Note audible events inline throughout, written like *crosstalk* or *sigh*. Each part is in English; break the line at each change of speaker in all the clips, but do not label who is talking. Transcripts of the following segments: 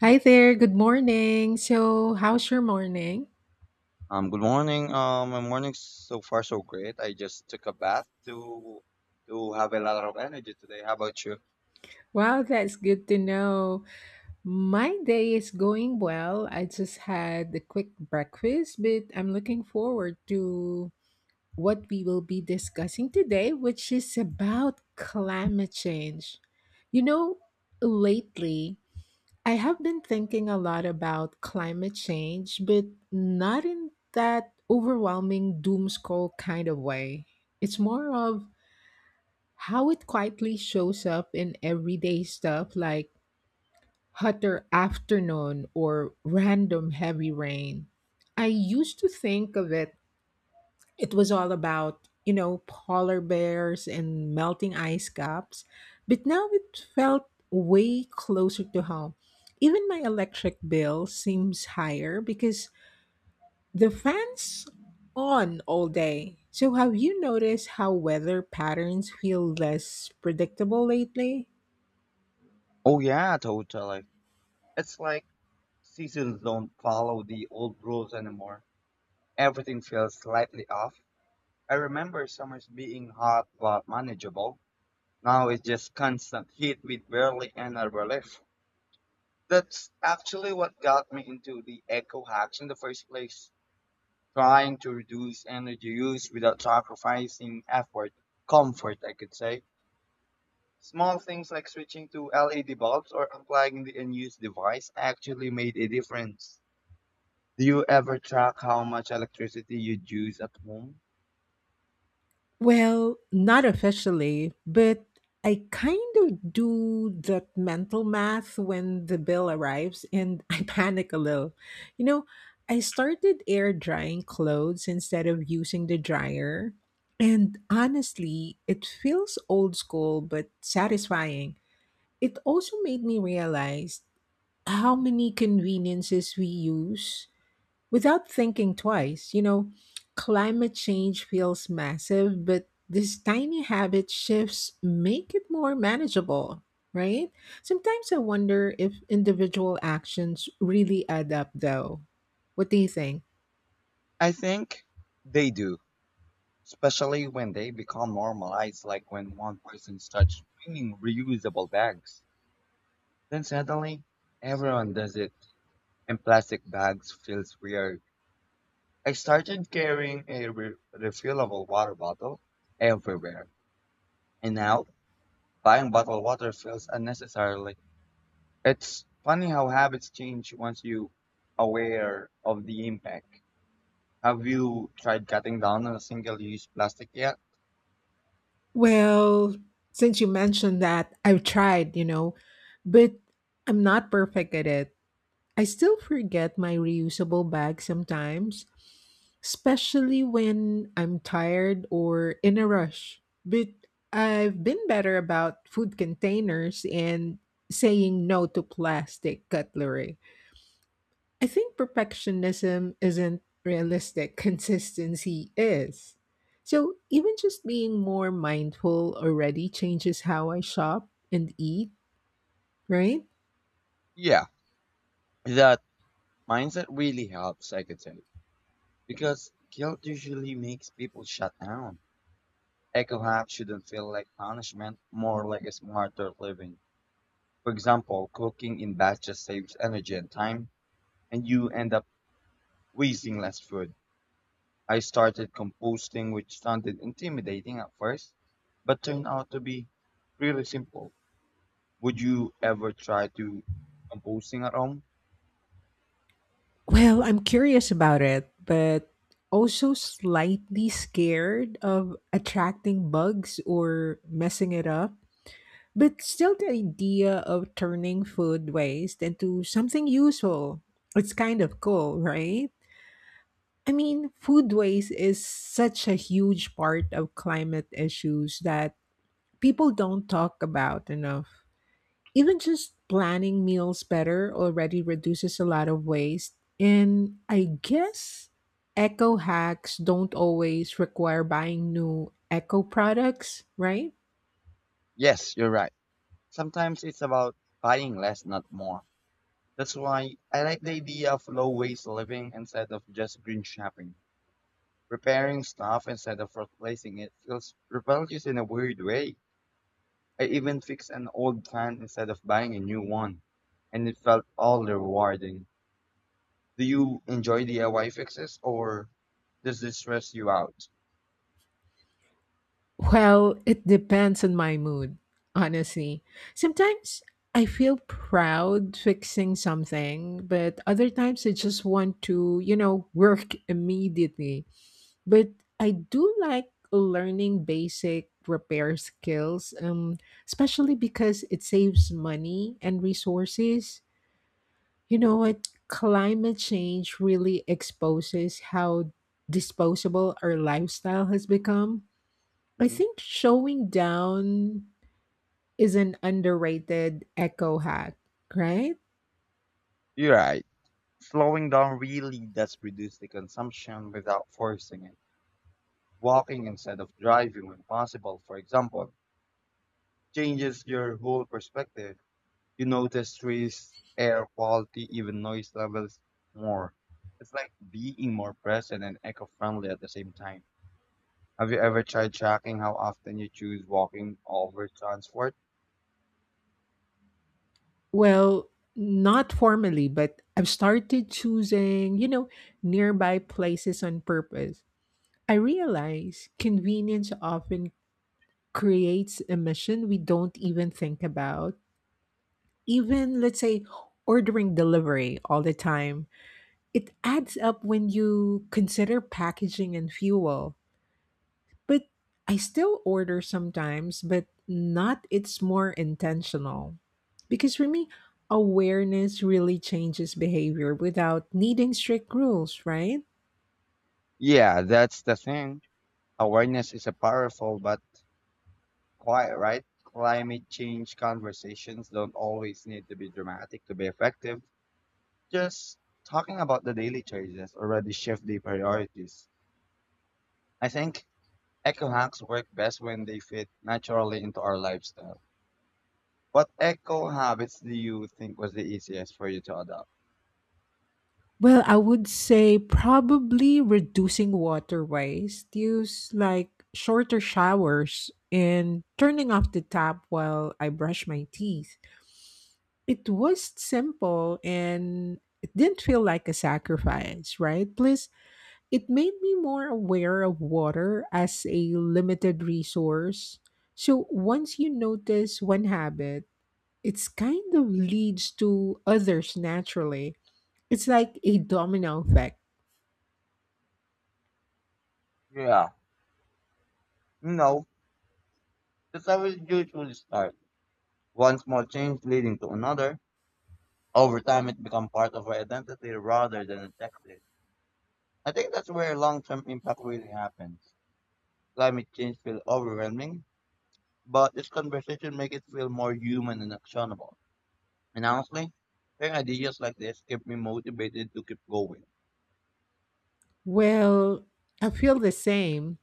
Hi there, good morning. So, how's your morning?
Good morning. My morning so far so great. I just took a bath to have a lot of energy today. How about you?
Wow, that's good to know. My day is going well. I just had a quick breakfast, but I'm looking forward to what we will be discussing today, which is about climate change. You know, lately, I have been thinking a lot about climate change, but not in that overwhelming doom scroll kind of way. It's more of how it quietly shows up in everyday stuff like hotter afternoon or random heavy rain. I used to think of it was all about, polar bears and melting ice caps, but now it felt way closer to home. Even my electric bill seems higher because the fans on all day. So have you noticed how weather patterns feel less predictable lately?
Oh yeah, totally. It's like seasons don't follow the old rules anymore. Everything feels slightly off. I remember summers being hot but manageable. Now it's just constant heat with barely any relief. That's actually what got me into the eco hacks in the first place. Trying to reduce energy use without sacrificing effort, comfort, I could say. Small things like switching to LED bulbs or unplugging the unused device actually made a difference. Do you ever track how much electricity you use at home?
Well, not officially, but I kind of do that mental math when the bill arrives and *laughs* I panic a little. You know, I started air drying clothes instead of using the dryer. And honestly, it feels old school but satisfying. It also made me realize how many conveniences we use without thinking twice. Climate change feels massive, but these tiny habit shifts make it more manageable, right? Sometimes I wonder if individual actions really add up, though. What do you think?
I think they do, especially when they become normalized, like when one person starts bringing reusable bags. Then suddenly, everyone does it, and plastic bags feels weird. I started carrying a refillable water bottle everywhere, and now buying bottled water feels unnecessarily. It's funny how habits change once you aware of the impact. Have you tried cutting down on a single-use plastic yet?
Well, since you mentioned that, I've tried, but I'm not perfect at it. I still forget my reusable bag sometimes, especially when I'm tired or in a rush. But I've been better about food containers and saying no to plastic cutlery. I think perfectionism isn't realistic, *laughs* consistency is. So, even just being more mindful already changes how I shop and eat, right?
Yeah, that mindset really helps, I could say, because guilt usually makes people shut down. Eco hacks shouldn't feel like punishment, more like a smarter living. For example, cooking in batches saves energy and time, and you end up wasting less food. I started composting, which sounded intimidating at first, but turned out to be really simple. Would you ever try to composting at home?
Well, I'm curious about it, but also slightly scared of attracting bugs or messing it up. But still, the idea of turning food waste into something useful, it's kind of cool, right? I mean, food waste is such a huge part of climate issues that people don't talk about enough. Even just planning meals better already reduces a lot of waste. And I guess eco hacks don't always require buying new eco products, right?
Yes, you're right. Sometimes it's about buying less, not more. That's why I like the idea of low waste living instead of just green shopping. Repairing stuff instead of replacing it feels rebellious in a weird way. I even fixed an old fan instead of buying a new one, and it felt all rewarding. Do you enjoy DIY fixes or does this stress you out?
Well, it depends on my mood, honestly. Sometimes I feel proud fixing something, but other times I just want to, work *laughs* immediately. But I do like learning basic repair skills, especially because it saves money and resources. You know what? Climate change really exposes how disposable our lifestyle has become. I
Mhm.
think showing down is an underrated eco hack, right?
You're right. Slowing down really does reduce the consumption without forcing it. Walking instead of driving when possible, for example, changes your whole perspective. You notice trees, air quality, even noise levels more. It's like being more present and eco-friendly at the same time. Have you ever tried tracking how often you choose walking over transport?
Well, not formally, but I've started choosing, nearby places on purpose. I realize convenience often creates a mission we don't even think about. Even, let's say, ordering delivery all the time, it adds up when you consider packaging and fuel. But I still order sometimes, but not it's more intentional. Because for me, awareness really changes behavior without needing strict rules, right?
Yeah, that's the thing. Awareness is a powerful but quiet, right? Climate change conversations don't always need to be dramatic to be effective. Just talking about the daily choices already shift the priorities. I think eco hacks work best when they fit naturally into our lifestyle. What eco habits do you think was the easiest for you to adopt?
Well, I would say probably reducing water waste, use like shorter showers and turning off the tap while I brush my teeth. It was simple and it didn't feel like a sacrifice, right? Plus, it made me more aware of water as a limited resource. So once you notice one habit, it's kind of leads to others naturally. It's like a domino effect.
Yeah, no, that's how we usually start. One small change leading to another. Over time, it becomes part of our identity rather than a checklist. I think that's where long-term impact really happens. Climate change feels overwhelming, but this conversation makes it feel more human and actionable. And honestly, sharing ideas like this keep me motivated to keep going.
Well, I feel the same.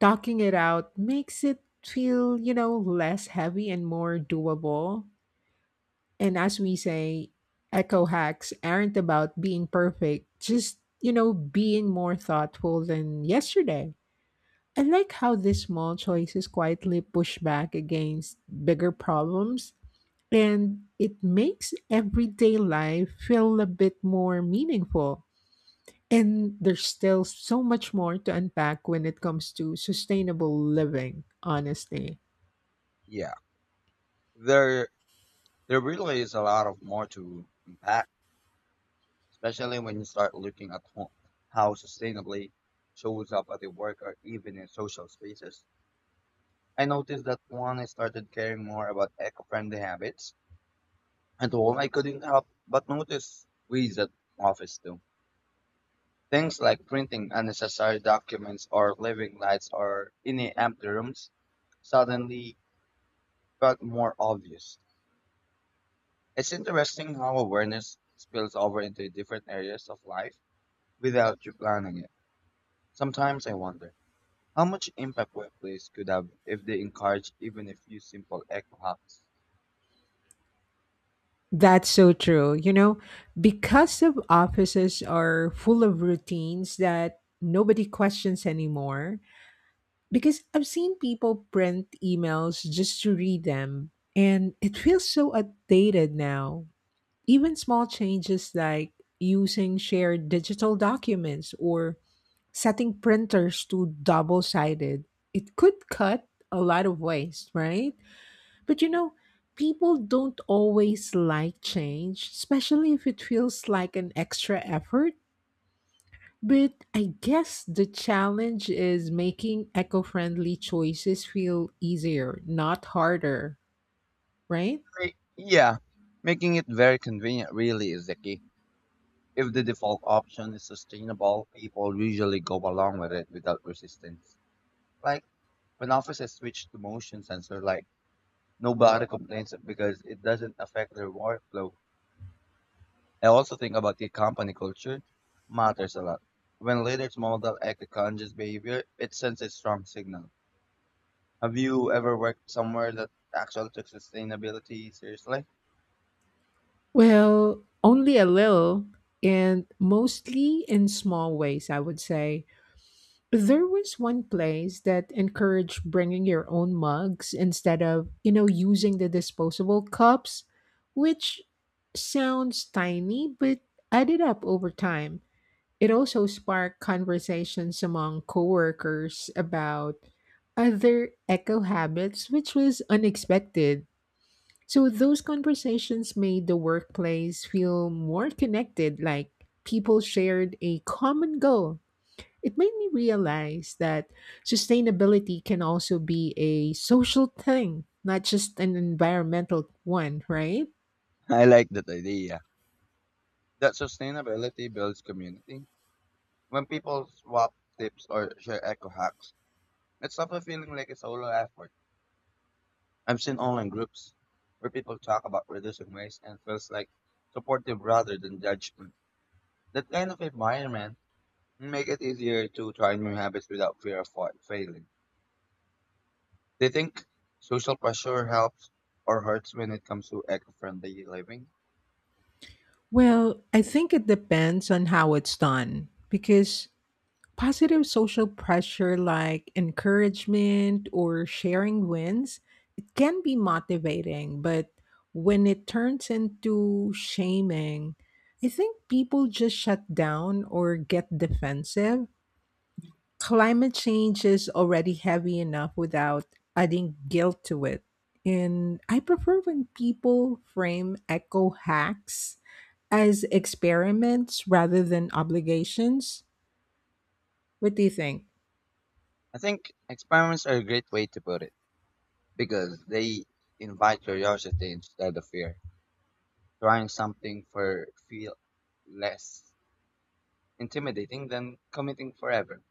Talking it out makes it feel, less heavy and more doable. And as we say, eco hacks aren't about being perfect, just, being more thoughtful than yesterday. I like how these small choices quietly push back against bigger problems, and it makes everyday life feel a bit more meaningful. And there's still so much more to unpack when it comes to sustainable living, honestly.
Yeah, there there really is a lot of more to unpack, especially when you start looking at how sustainably shows up at the work or even in social spaces. I noticed that one I started caring more about eco-friendly habits at home, I couldn't help but notice ways that office do. Things like printing unnecessary documents or leaving lights or any empty rooms suddenly felt more obvious. It's interesting how awareness spills over into different areas of life without you planning it. Sometimes I wonder how much impact workplace could have if they encourage even a few simple eco hacks.
That's so true. You know, because of offices are full of routines that nobody questions anymore, because I've seen people print emails just to read them, and it feels so outdated now. Even small changes like using shared digital documents or setting printers to double sided, it could cut a lot of waste, right? But you know, people don't always like change, especially if it feels like an extra effort. But I guess the challenge is making eco friendly choices feel easier, not harder, right?
Yeah, making it very convenient really is the key. If the default option is sustainable, people usually go along with it without resistance. Like when offices switch to motion sensor, like nobody complains because it doesn't affect their workflow. I also think about the company culture matters a lot. When leaders model eco-conscious behavior, it sends a strong signal. Have you ever worked somewhere that actually took sustainability seriously?
Well, only a little, and mostly in small ways, I would say. There was one place that encouraged bringing your own mugs instead of, using the disposable cups, which sounds tiny but added up over time. It also sparked conversations among coworkers about other eco habits, which was unexpected. So those conversations made the workplace feel more connected, like people shared a common goal. It made me realize that sustainability can also be a social thing, not just an environmental one, right?
*laughs* I like that idea that sustainability builds community. When people swap tips or share eco hacks, it stops a feeling like a solo effort. I've seen online groups where people talk about reducing waste and feels like supportive rather than judgment. That kind of environment make it easier to try new habits without fear of failing. Do you think social pressure helps or hurts when it comes to eco-friendly living?
Well, I think it depends on how it's done because positive social pressure like encouragement or sharing wins, it can be motivating, but when it turns into shaming, I think people just shut down or get defensive. Climate change is already heavy enough without adding guilt to it. And I prefer when people frame eco hacks as experiments rather than obligations. What do you think?
I think experiments are a great way to put it because they invite curiosity instead of fear. Trying something for feel less intimidating than committing forever.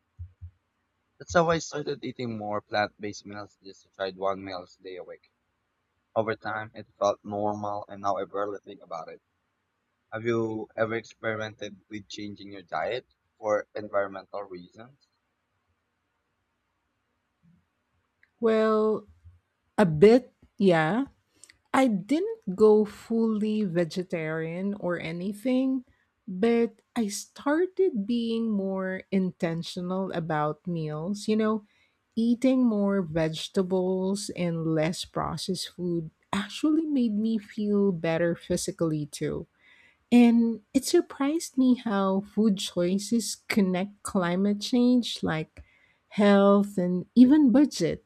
That's how I started eating more plant-based meals just to try one meal a day a week. Over time, it felt normal and now I barely think about it. Have you ever experimented with changing your diet for environmental reasons?
Well, a bit, yeah, I didn't go fully vegetarian or anything, but I started being more intentional about meals, eating more vegetables and less processed food actually made me feel better physically too. And it surprised me how food choices connect climate change like health and even budget.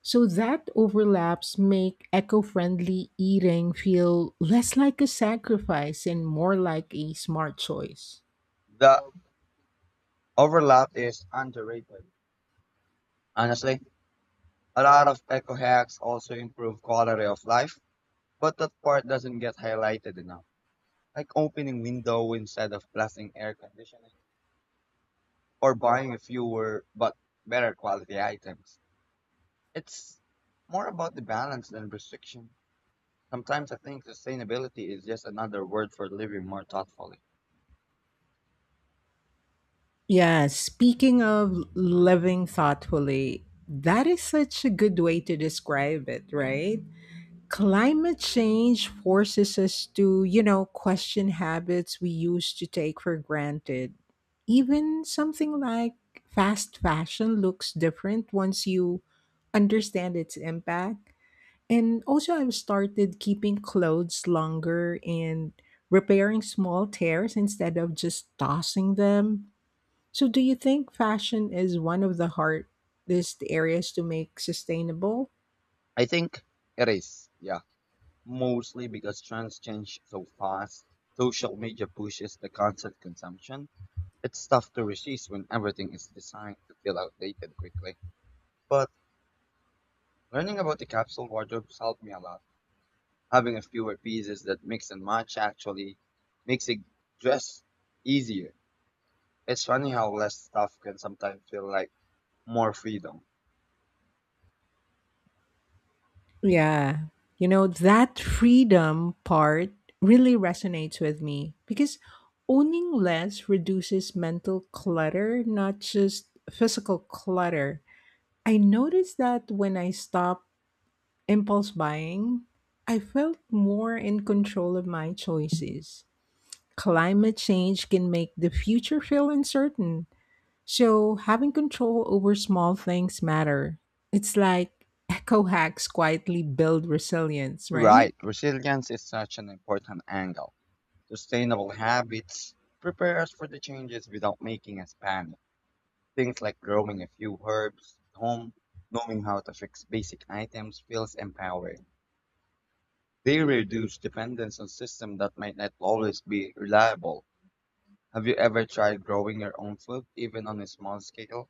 So that overlaps make eco-friendly eating feel less like a sacrifice and more like a smart choice.
The overlap is underrated. Honestly, a lot of eco hacks also improve quality of life, but that part doesn't get highlighted enough. Like opening window instead of blasting air conditioning or buying fewer but better quality items. It's more about the balance than restriction. Sometimes I think sustainability is just another word for living more thoughtfully.
Yeah, speaking of living thoughtfully, that is such a good way to describe it, right? Climate change forces us to, question habits we used to take for granted. Even something like fast fashion looks different once you understand its impact. And also, I've started keeping clothes longer and repairing small tears instead of just tossing them. So, do you think fashion is one of the hardest areas to make sustainable?
I think it is, yeah. Mostly because trends change so fast, social media pushes the constant consumption. It's tough to resist when everything is designed to feel outdated quickly. But learning about the capsule wardrobes helped me a lot. Having a fewer pieces that mix and match actually makes it just easier. It's funny how less stuff can sometimes feel like more freedom.
Yeah. You know, that freedom part really resonates with me because owning less reduces mental clutter, not just physical clutter. I noticed that when I stop impulse buying, I felt more in control of my choices. Climate change can make the future feel uncertain, so having control over small things matter. It's like eco hacks quietly build resilience,
You're
right?
right, resilience is such an important angle. Sustainable habits prepare us for the changes without making us panic. Things like growing a few herbs at home, knowing how to fix basic items feels empowering. They reduce dependence on systems that might not always be reliable. Have you ever tried growing your own food, even on a small scale?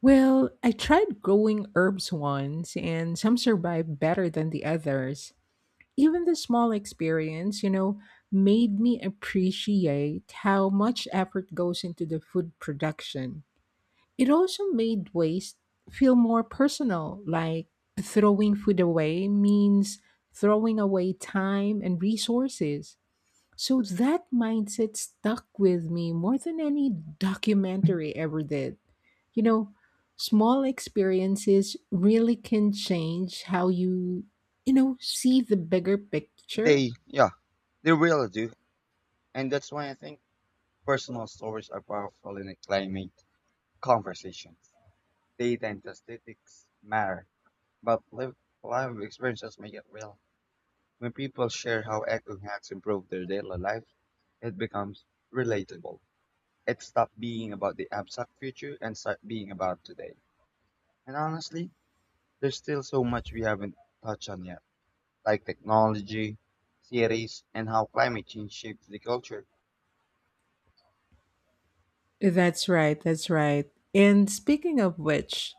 Well, I tried growing herbs once and some survived better than the others. Even the small experience, made me appreciate how much effort goes into the food production. It also made waste feel more personal, like throwing food away means throwing away time and resources. So that mindset stuck with me more than any documentary ever did. You know, small experiences really can change how you see the bigger picture.
They, yeah, they really do. And that's why I think personal stories are powerful in a climate conversations. Data and statistics matter, but lived life experiences make it real. When people share how eco hacks improve their daily life, it becomes relatable. It stops being about the abstract future and start being about today. And honestly, there's still so much we haven't touched on yet. Like technology, cities, and how climate change shapes the culture?
That's right, that's right. And speaking of which,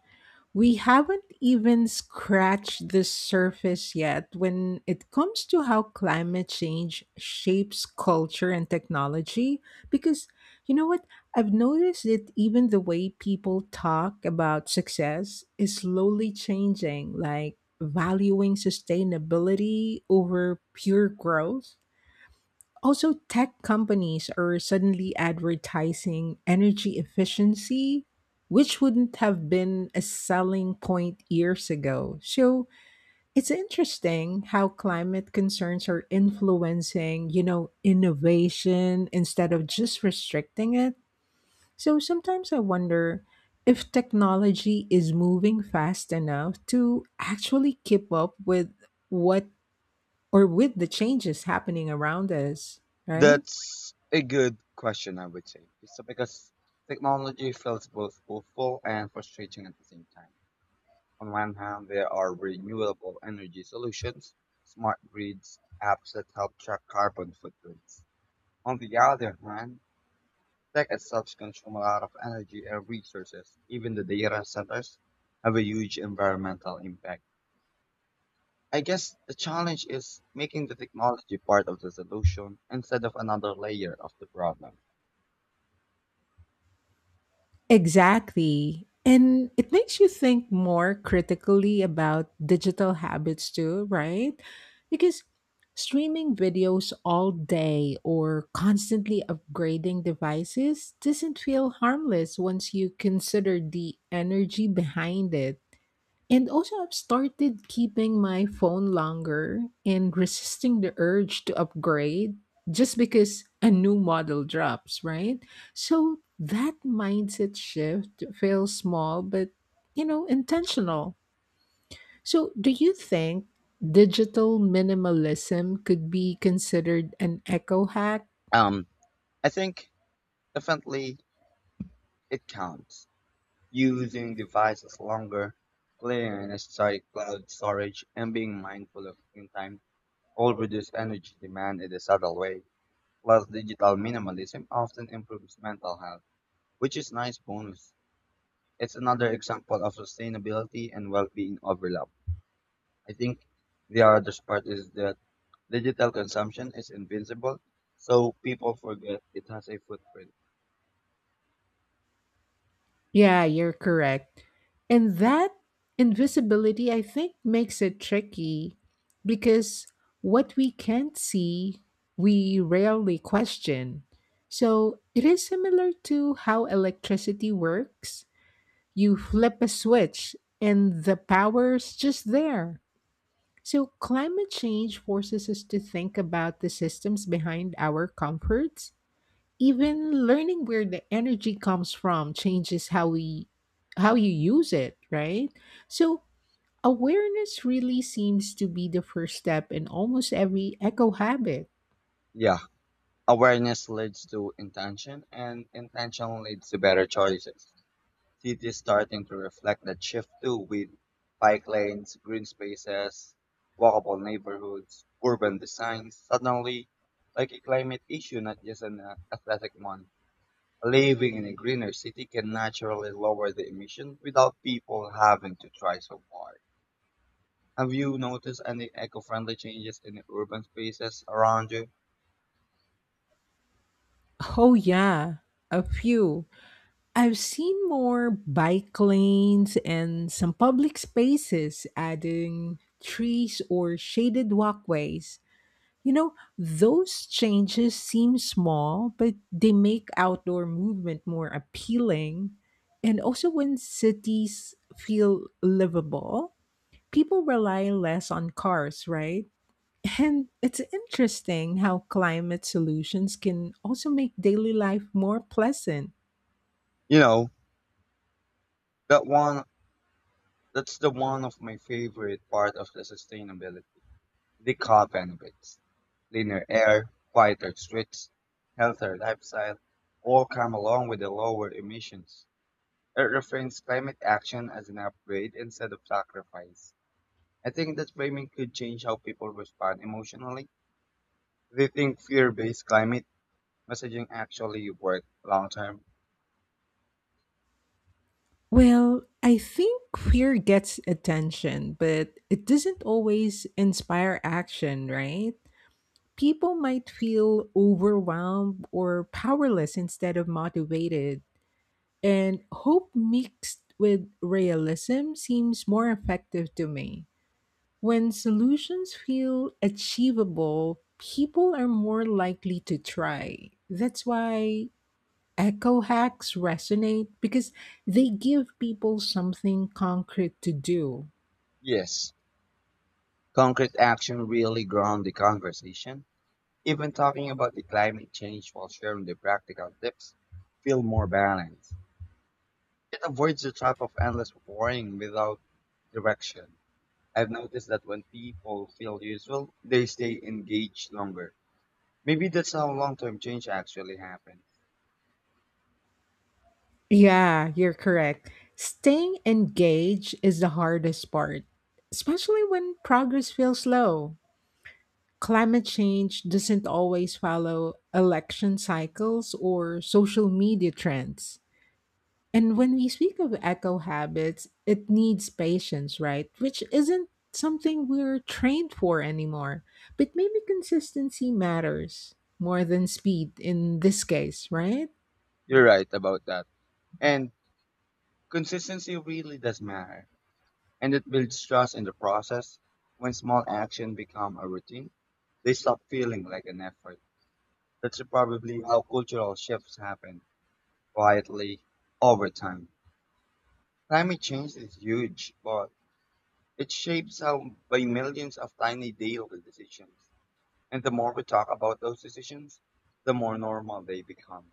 we haven't even scratched the surface yet when it comes to how climate change shapes culture and technology. Because you know what? I've noticed that even the way people talk about success is slowly changing, like valuing sustainability over pure growth. Also, tech companies are suddenly advertising energy efficiency, which wouldn't have been a selling point years ago. So, it's interesting how climate concerns are influencing innovation instead of just restricting it. So, sometimes I wonder if technology is moving fast enough to actually keep up with what or with the changes happening around us, right?
That's a good question, I would say. It's because technology feels both hopeful and frustrating at the same time. On one hand, there are renewable energy solutions, smart grids, apps that help track carbon footprints. On the other hand, tech itself consumes a lot of energy and resources. Even the data centers have a huge environmental impact. I guess the challenge is making the technology part of the solution instead of another layer of the problem.
Exactly. And it makes you think more critically about digital habits too, right? Because streaming videos all day or constantly upgrading devices doesn't feel harmless once you consider the energy behind it. And also, I've started keeping my phone longer and resisting the urge to upgrade just because a new model drops, right? So that mindset shift feels small, but intentional. So, do you think digital minimalism could be considered an eco hack?
Um, I think definitely it counts. Using devices longer, clearing unnecessary cloud storage, and being mindful of screen time all reduce energy demand in a subtle way. Plus, digital minimalism often improves mental health, which is nice bonus. It's another example of sustainability and well-being overlap. I think the other part is that digital consumption is invincible, so people forget it has a footprint.
Yeah, you're correct. And that invisibility, I think, makes it tricky because what we can't see, we rarely question. So it is similar to how electricity works. You flip a switch and the power's just there. So climate change forces us to think about the systems behind our comforts. Even learning where the energy comes from changes how we how you use it, right? So awareness really seems to be the first step in almost every eco habit.
Yeah, awareness leads to intention, and intention leads to better choices. Cities starting to reflect that shift too, with bike lanes, green spaces, walkable neighborhoods, urban designs. Suddenly, like a climate issue, not just an athletic one. Living in a greener city can naturally lower the emission without people having to try so hard. Have you noticed any eco-friendly changes in the urban spaces around you?
Oh yeah, a few. I've seen more bike lanes and some public spaces adding trees or shaded walkways. You know, those changes seem small, but they make outdoor movement more appealing. And also, when cities feel livable, people rely less on cars, right? *laughs* And it's interesting how climate solutions can also make daily life more pleasant.
You know, that one that's the one of my favorite part of the sustainability. The car benefits. Cleaner air, quieter streets, healthier lifestyle, all come along with the lower emissions. It reframes climate action as an upgrade instead of sacrifice. I think that framing could change how people respond emotionally. They think fear-based climate messaging actually work long term.
Well, I think fear gets attention, but it doesn't always inspire action, right? People might feel overwhelmed or powerless instead of motivated. And hope mixed with realism seems more effective to me. When solutions feel achievable, people are more likely to try. That's why echo hacks resonate because they give people something concrete to do.
Yes, concrete action really ground the conversation. Even talking about the climate change while sharing the practical tips feel more balanced. It avoids the trap of endless worrying without direction. I've noticed that when people feel useful, they stay engaged longer. Maybe that's how long-term change actually happens.
Yeah, you're correct. Staying engaged is the hardest part, especially when progress feels slow. Climate change doesn't always follow election cycles or social media trends. And when we speak of eco habits, it needs patience, right? Which isn't something we're trained for anymore. But maybe consistency matters more than speed in this case,
Yeah.
right?
You're right about that. And consistency really does matter, and it builds trust in the process. When small actions become a routine, they stop feeling like an effort. That's probably how cultural shifts happen quietly over time. Climate change is huge, but it shapes how by millions of tiny daily decisions. And the more we talk about those decisions, the more normal they become.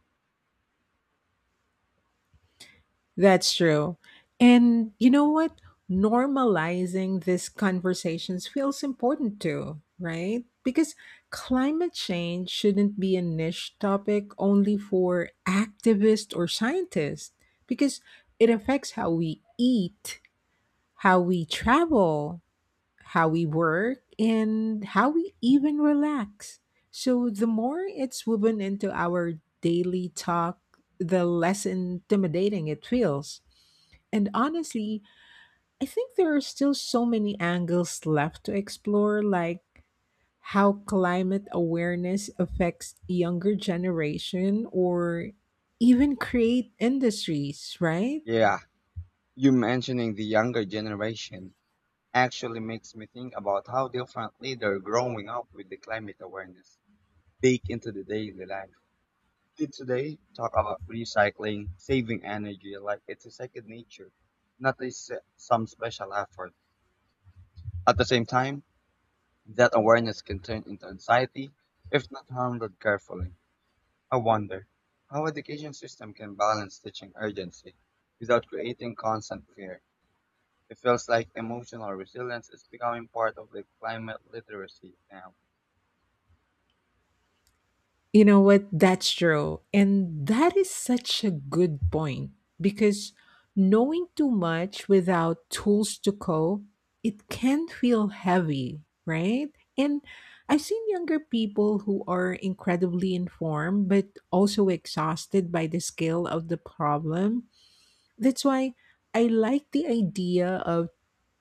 That's true. And you know what? Normalizing these conversations feels important too, right? Because climate change shouldn't be a niche topic only for activists or scientists, because it affects how we eat, how we travel, how we work, and how we even relax. So the more it's woven into our daily talk, the less intimidating it feels. And honestly, I think there are still so many angles left to explore, like how climate awareness affects younger generation or even create industries, right?
Yeah, you mentioning the younger generation actually makes me think about how differently they're growing up with the climate awareness baked into the daily life. Kids today talk about recycling, saving energy like it's a second nature, not a some special effort. At the same time, that awareness can turn into anxiety if not handled carefully. I wonder how education system can balance teaching urgency without creating constant fear. It feels like emotional resilience is becoming part of the climate literacy now.
You know what? That's true. And that is such a good point because knowing too much without tools to cope, it can feel heavy, right? And I've seen younger people who are incredibly informed but also exhausted by the scale of the problem. That's why I like the idea of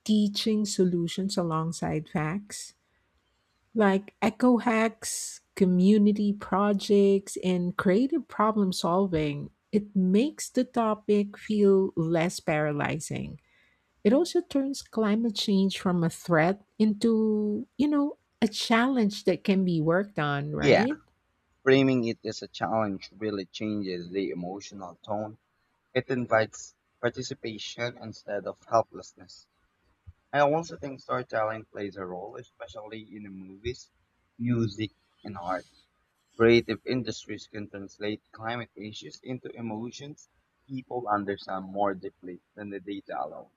teaching solutions alongside facts like eco hacks, community projects, and creative problem solving, it makes the topic feel less paralyzing. It also turns climate change from a threat into a challenge that can be worked on,
Yeah,
right?
framing it as a challenge really changes the emotional tone. It invites participation instead of helplessness. I also think storytelling plays a role, especially in the movies, music, and art. Creative industries can translate climate issues into emotions people understand more deeply than the data alone.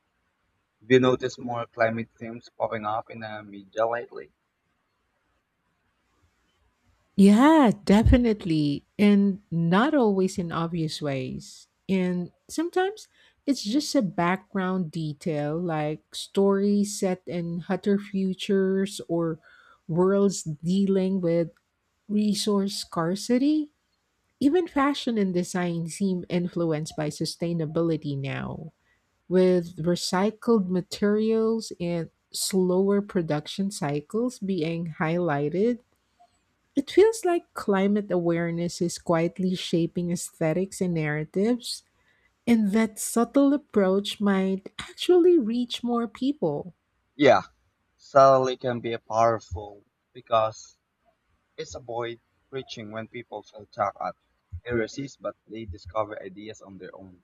Have you noticed more climate themes popping up in the media lately?
Yeah, definitely. And not always in obvious ways. And sometimes it's just a background detail like stories set in hotter futures or worlds dealing with resource scarcity. Even fashion and design seem influenced by sustainability now, with recycled materials and slower production cycles being highlighted. It feels like climate awareness is quietly shaping aesthetics and narratives, and that subtle approach might actually reach more people.
Yeah, satellite can be powerful because it's avoid preaching when people feel attacked at heresies, but they discover ideas on their own.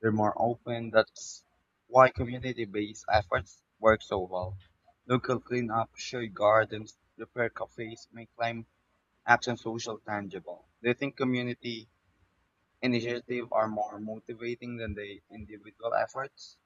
They're more open. That's why community-based efforts work so well. Local cleanup, shared gardens, repair cafes make climate action social tangible. Do you think community initiatives are more motivating than the individual efforts?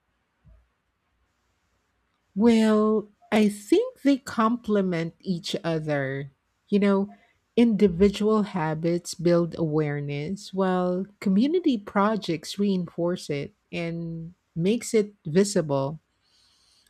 Well, I think they complement each other. You know, individual habits build awareness, while community projects reinforce it and makes it visible.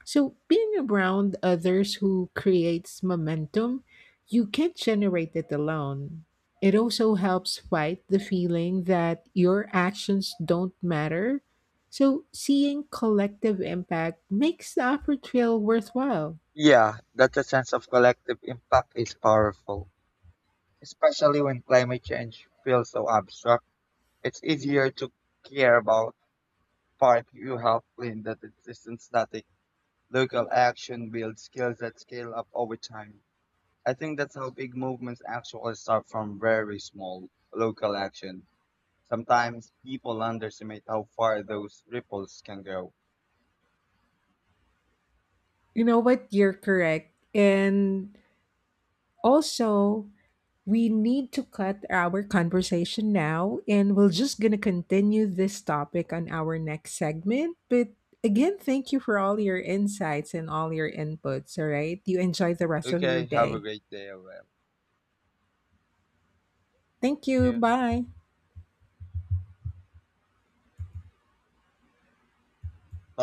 So, being around others who creates momentum, you can't generate it alone. It also helps fight the feeling that your actions don't matter. So, seeing collective impact makes the effort feel worthwhile.
Yeah, that a sense of collective impact is powerful, especially when climate change feels so abstract. It's easier to care about part you have in the system static. Local action builds skills that scale up over time. I think that's how big movements actually start from very small local action. Sometimes people underestimate how far those ripples can go.
You know what? You're correct. And also, we need to cut our conversation now and we're just going to continue this topic on our next segment, but again thank you for all your insights and all your inputs. All right, you enjoy the rest of your
Okay, have
day.
a great day, everyone.
Thank
Thank
you,
you.
bye.
Bye.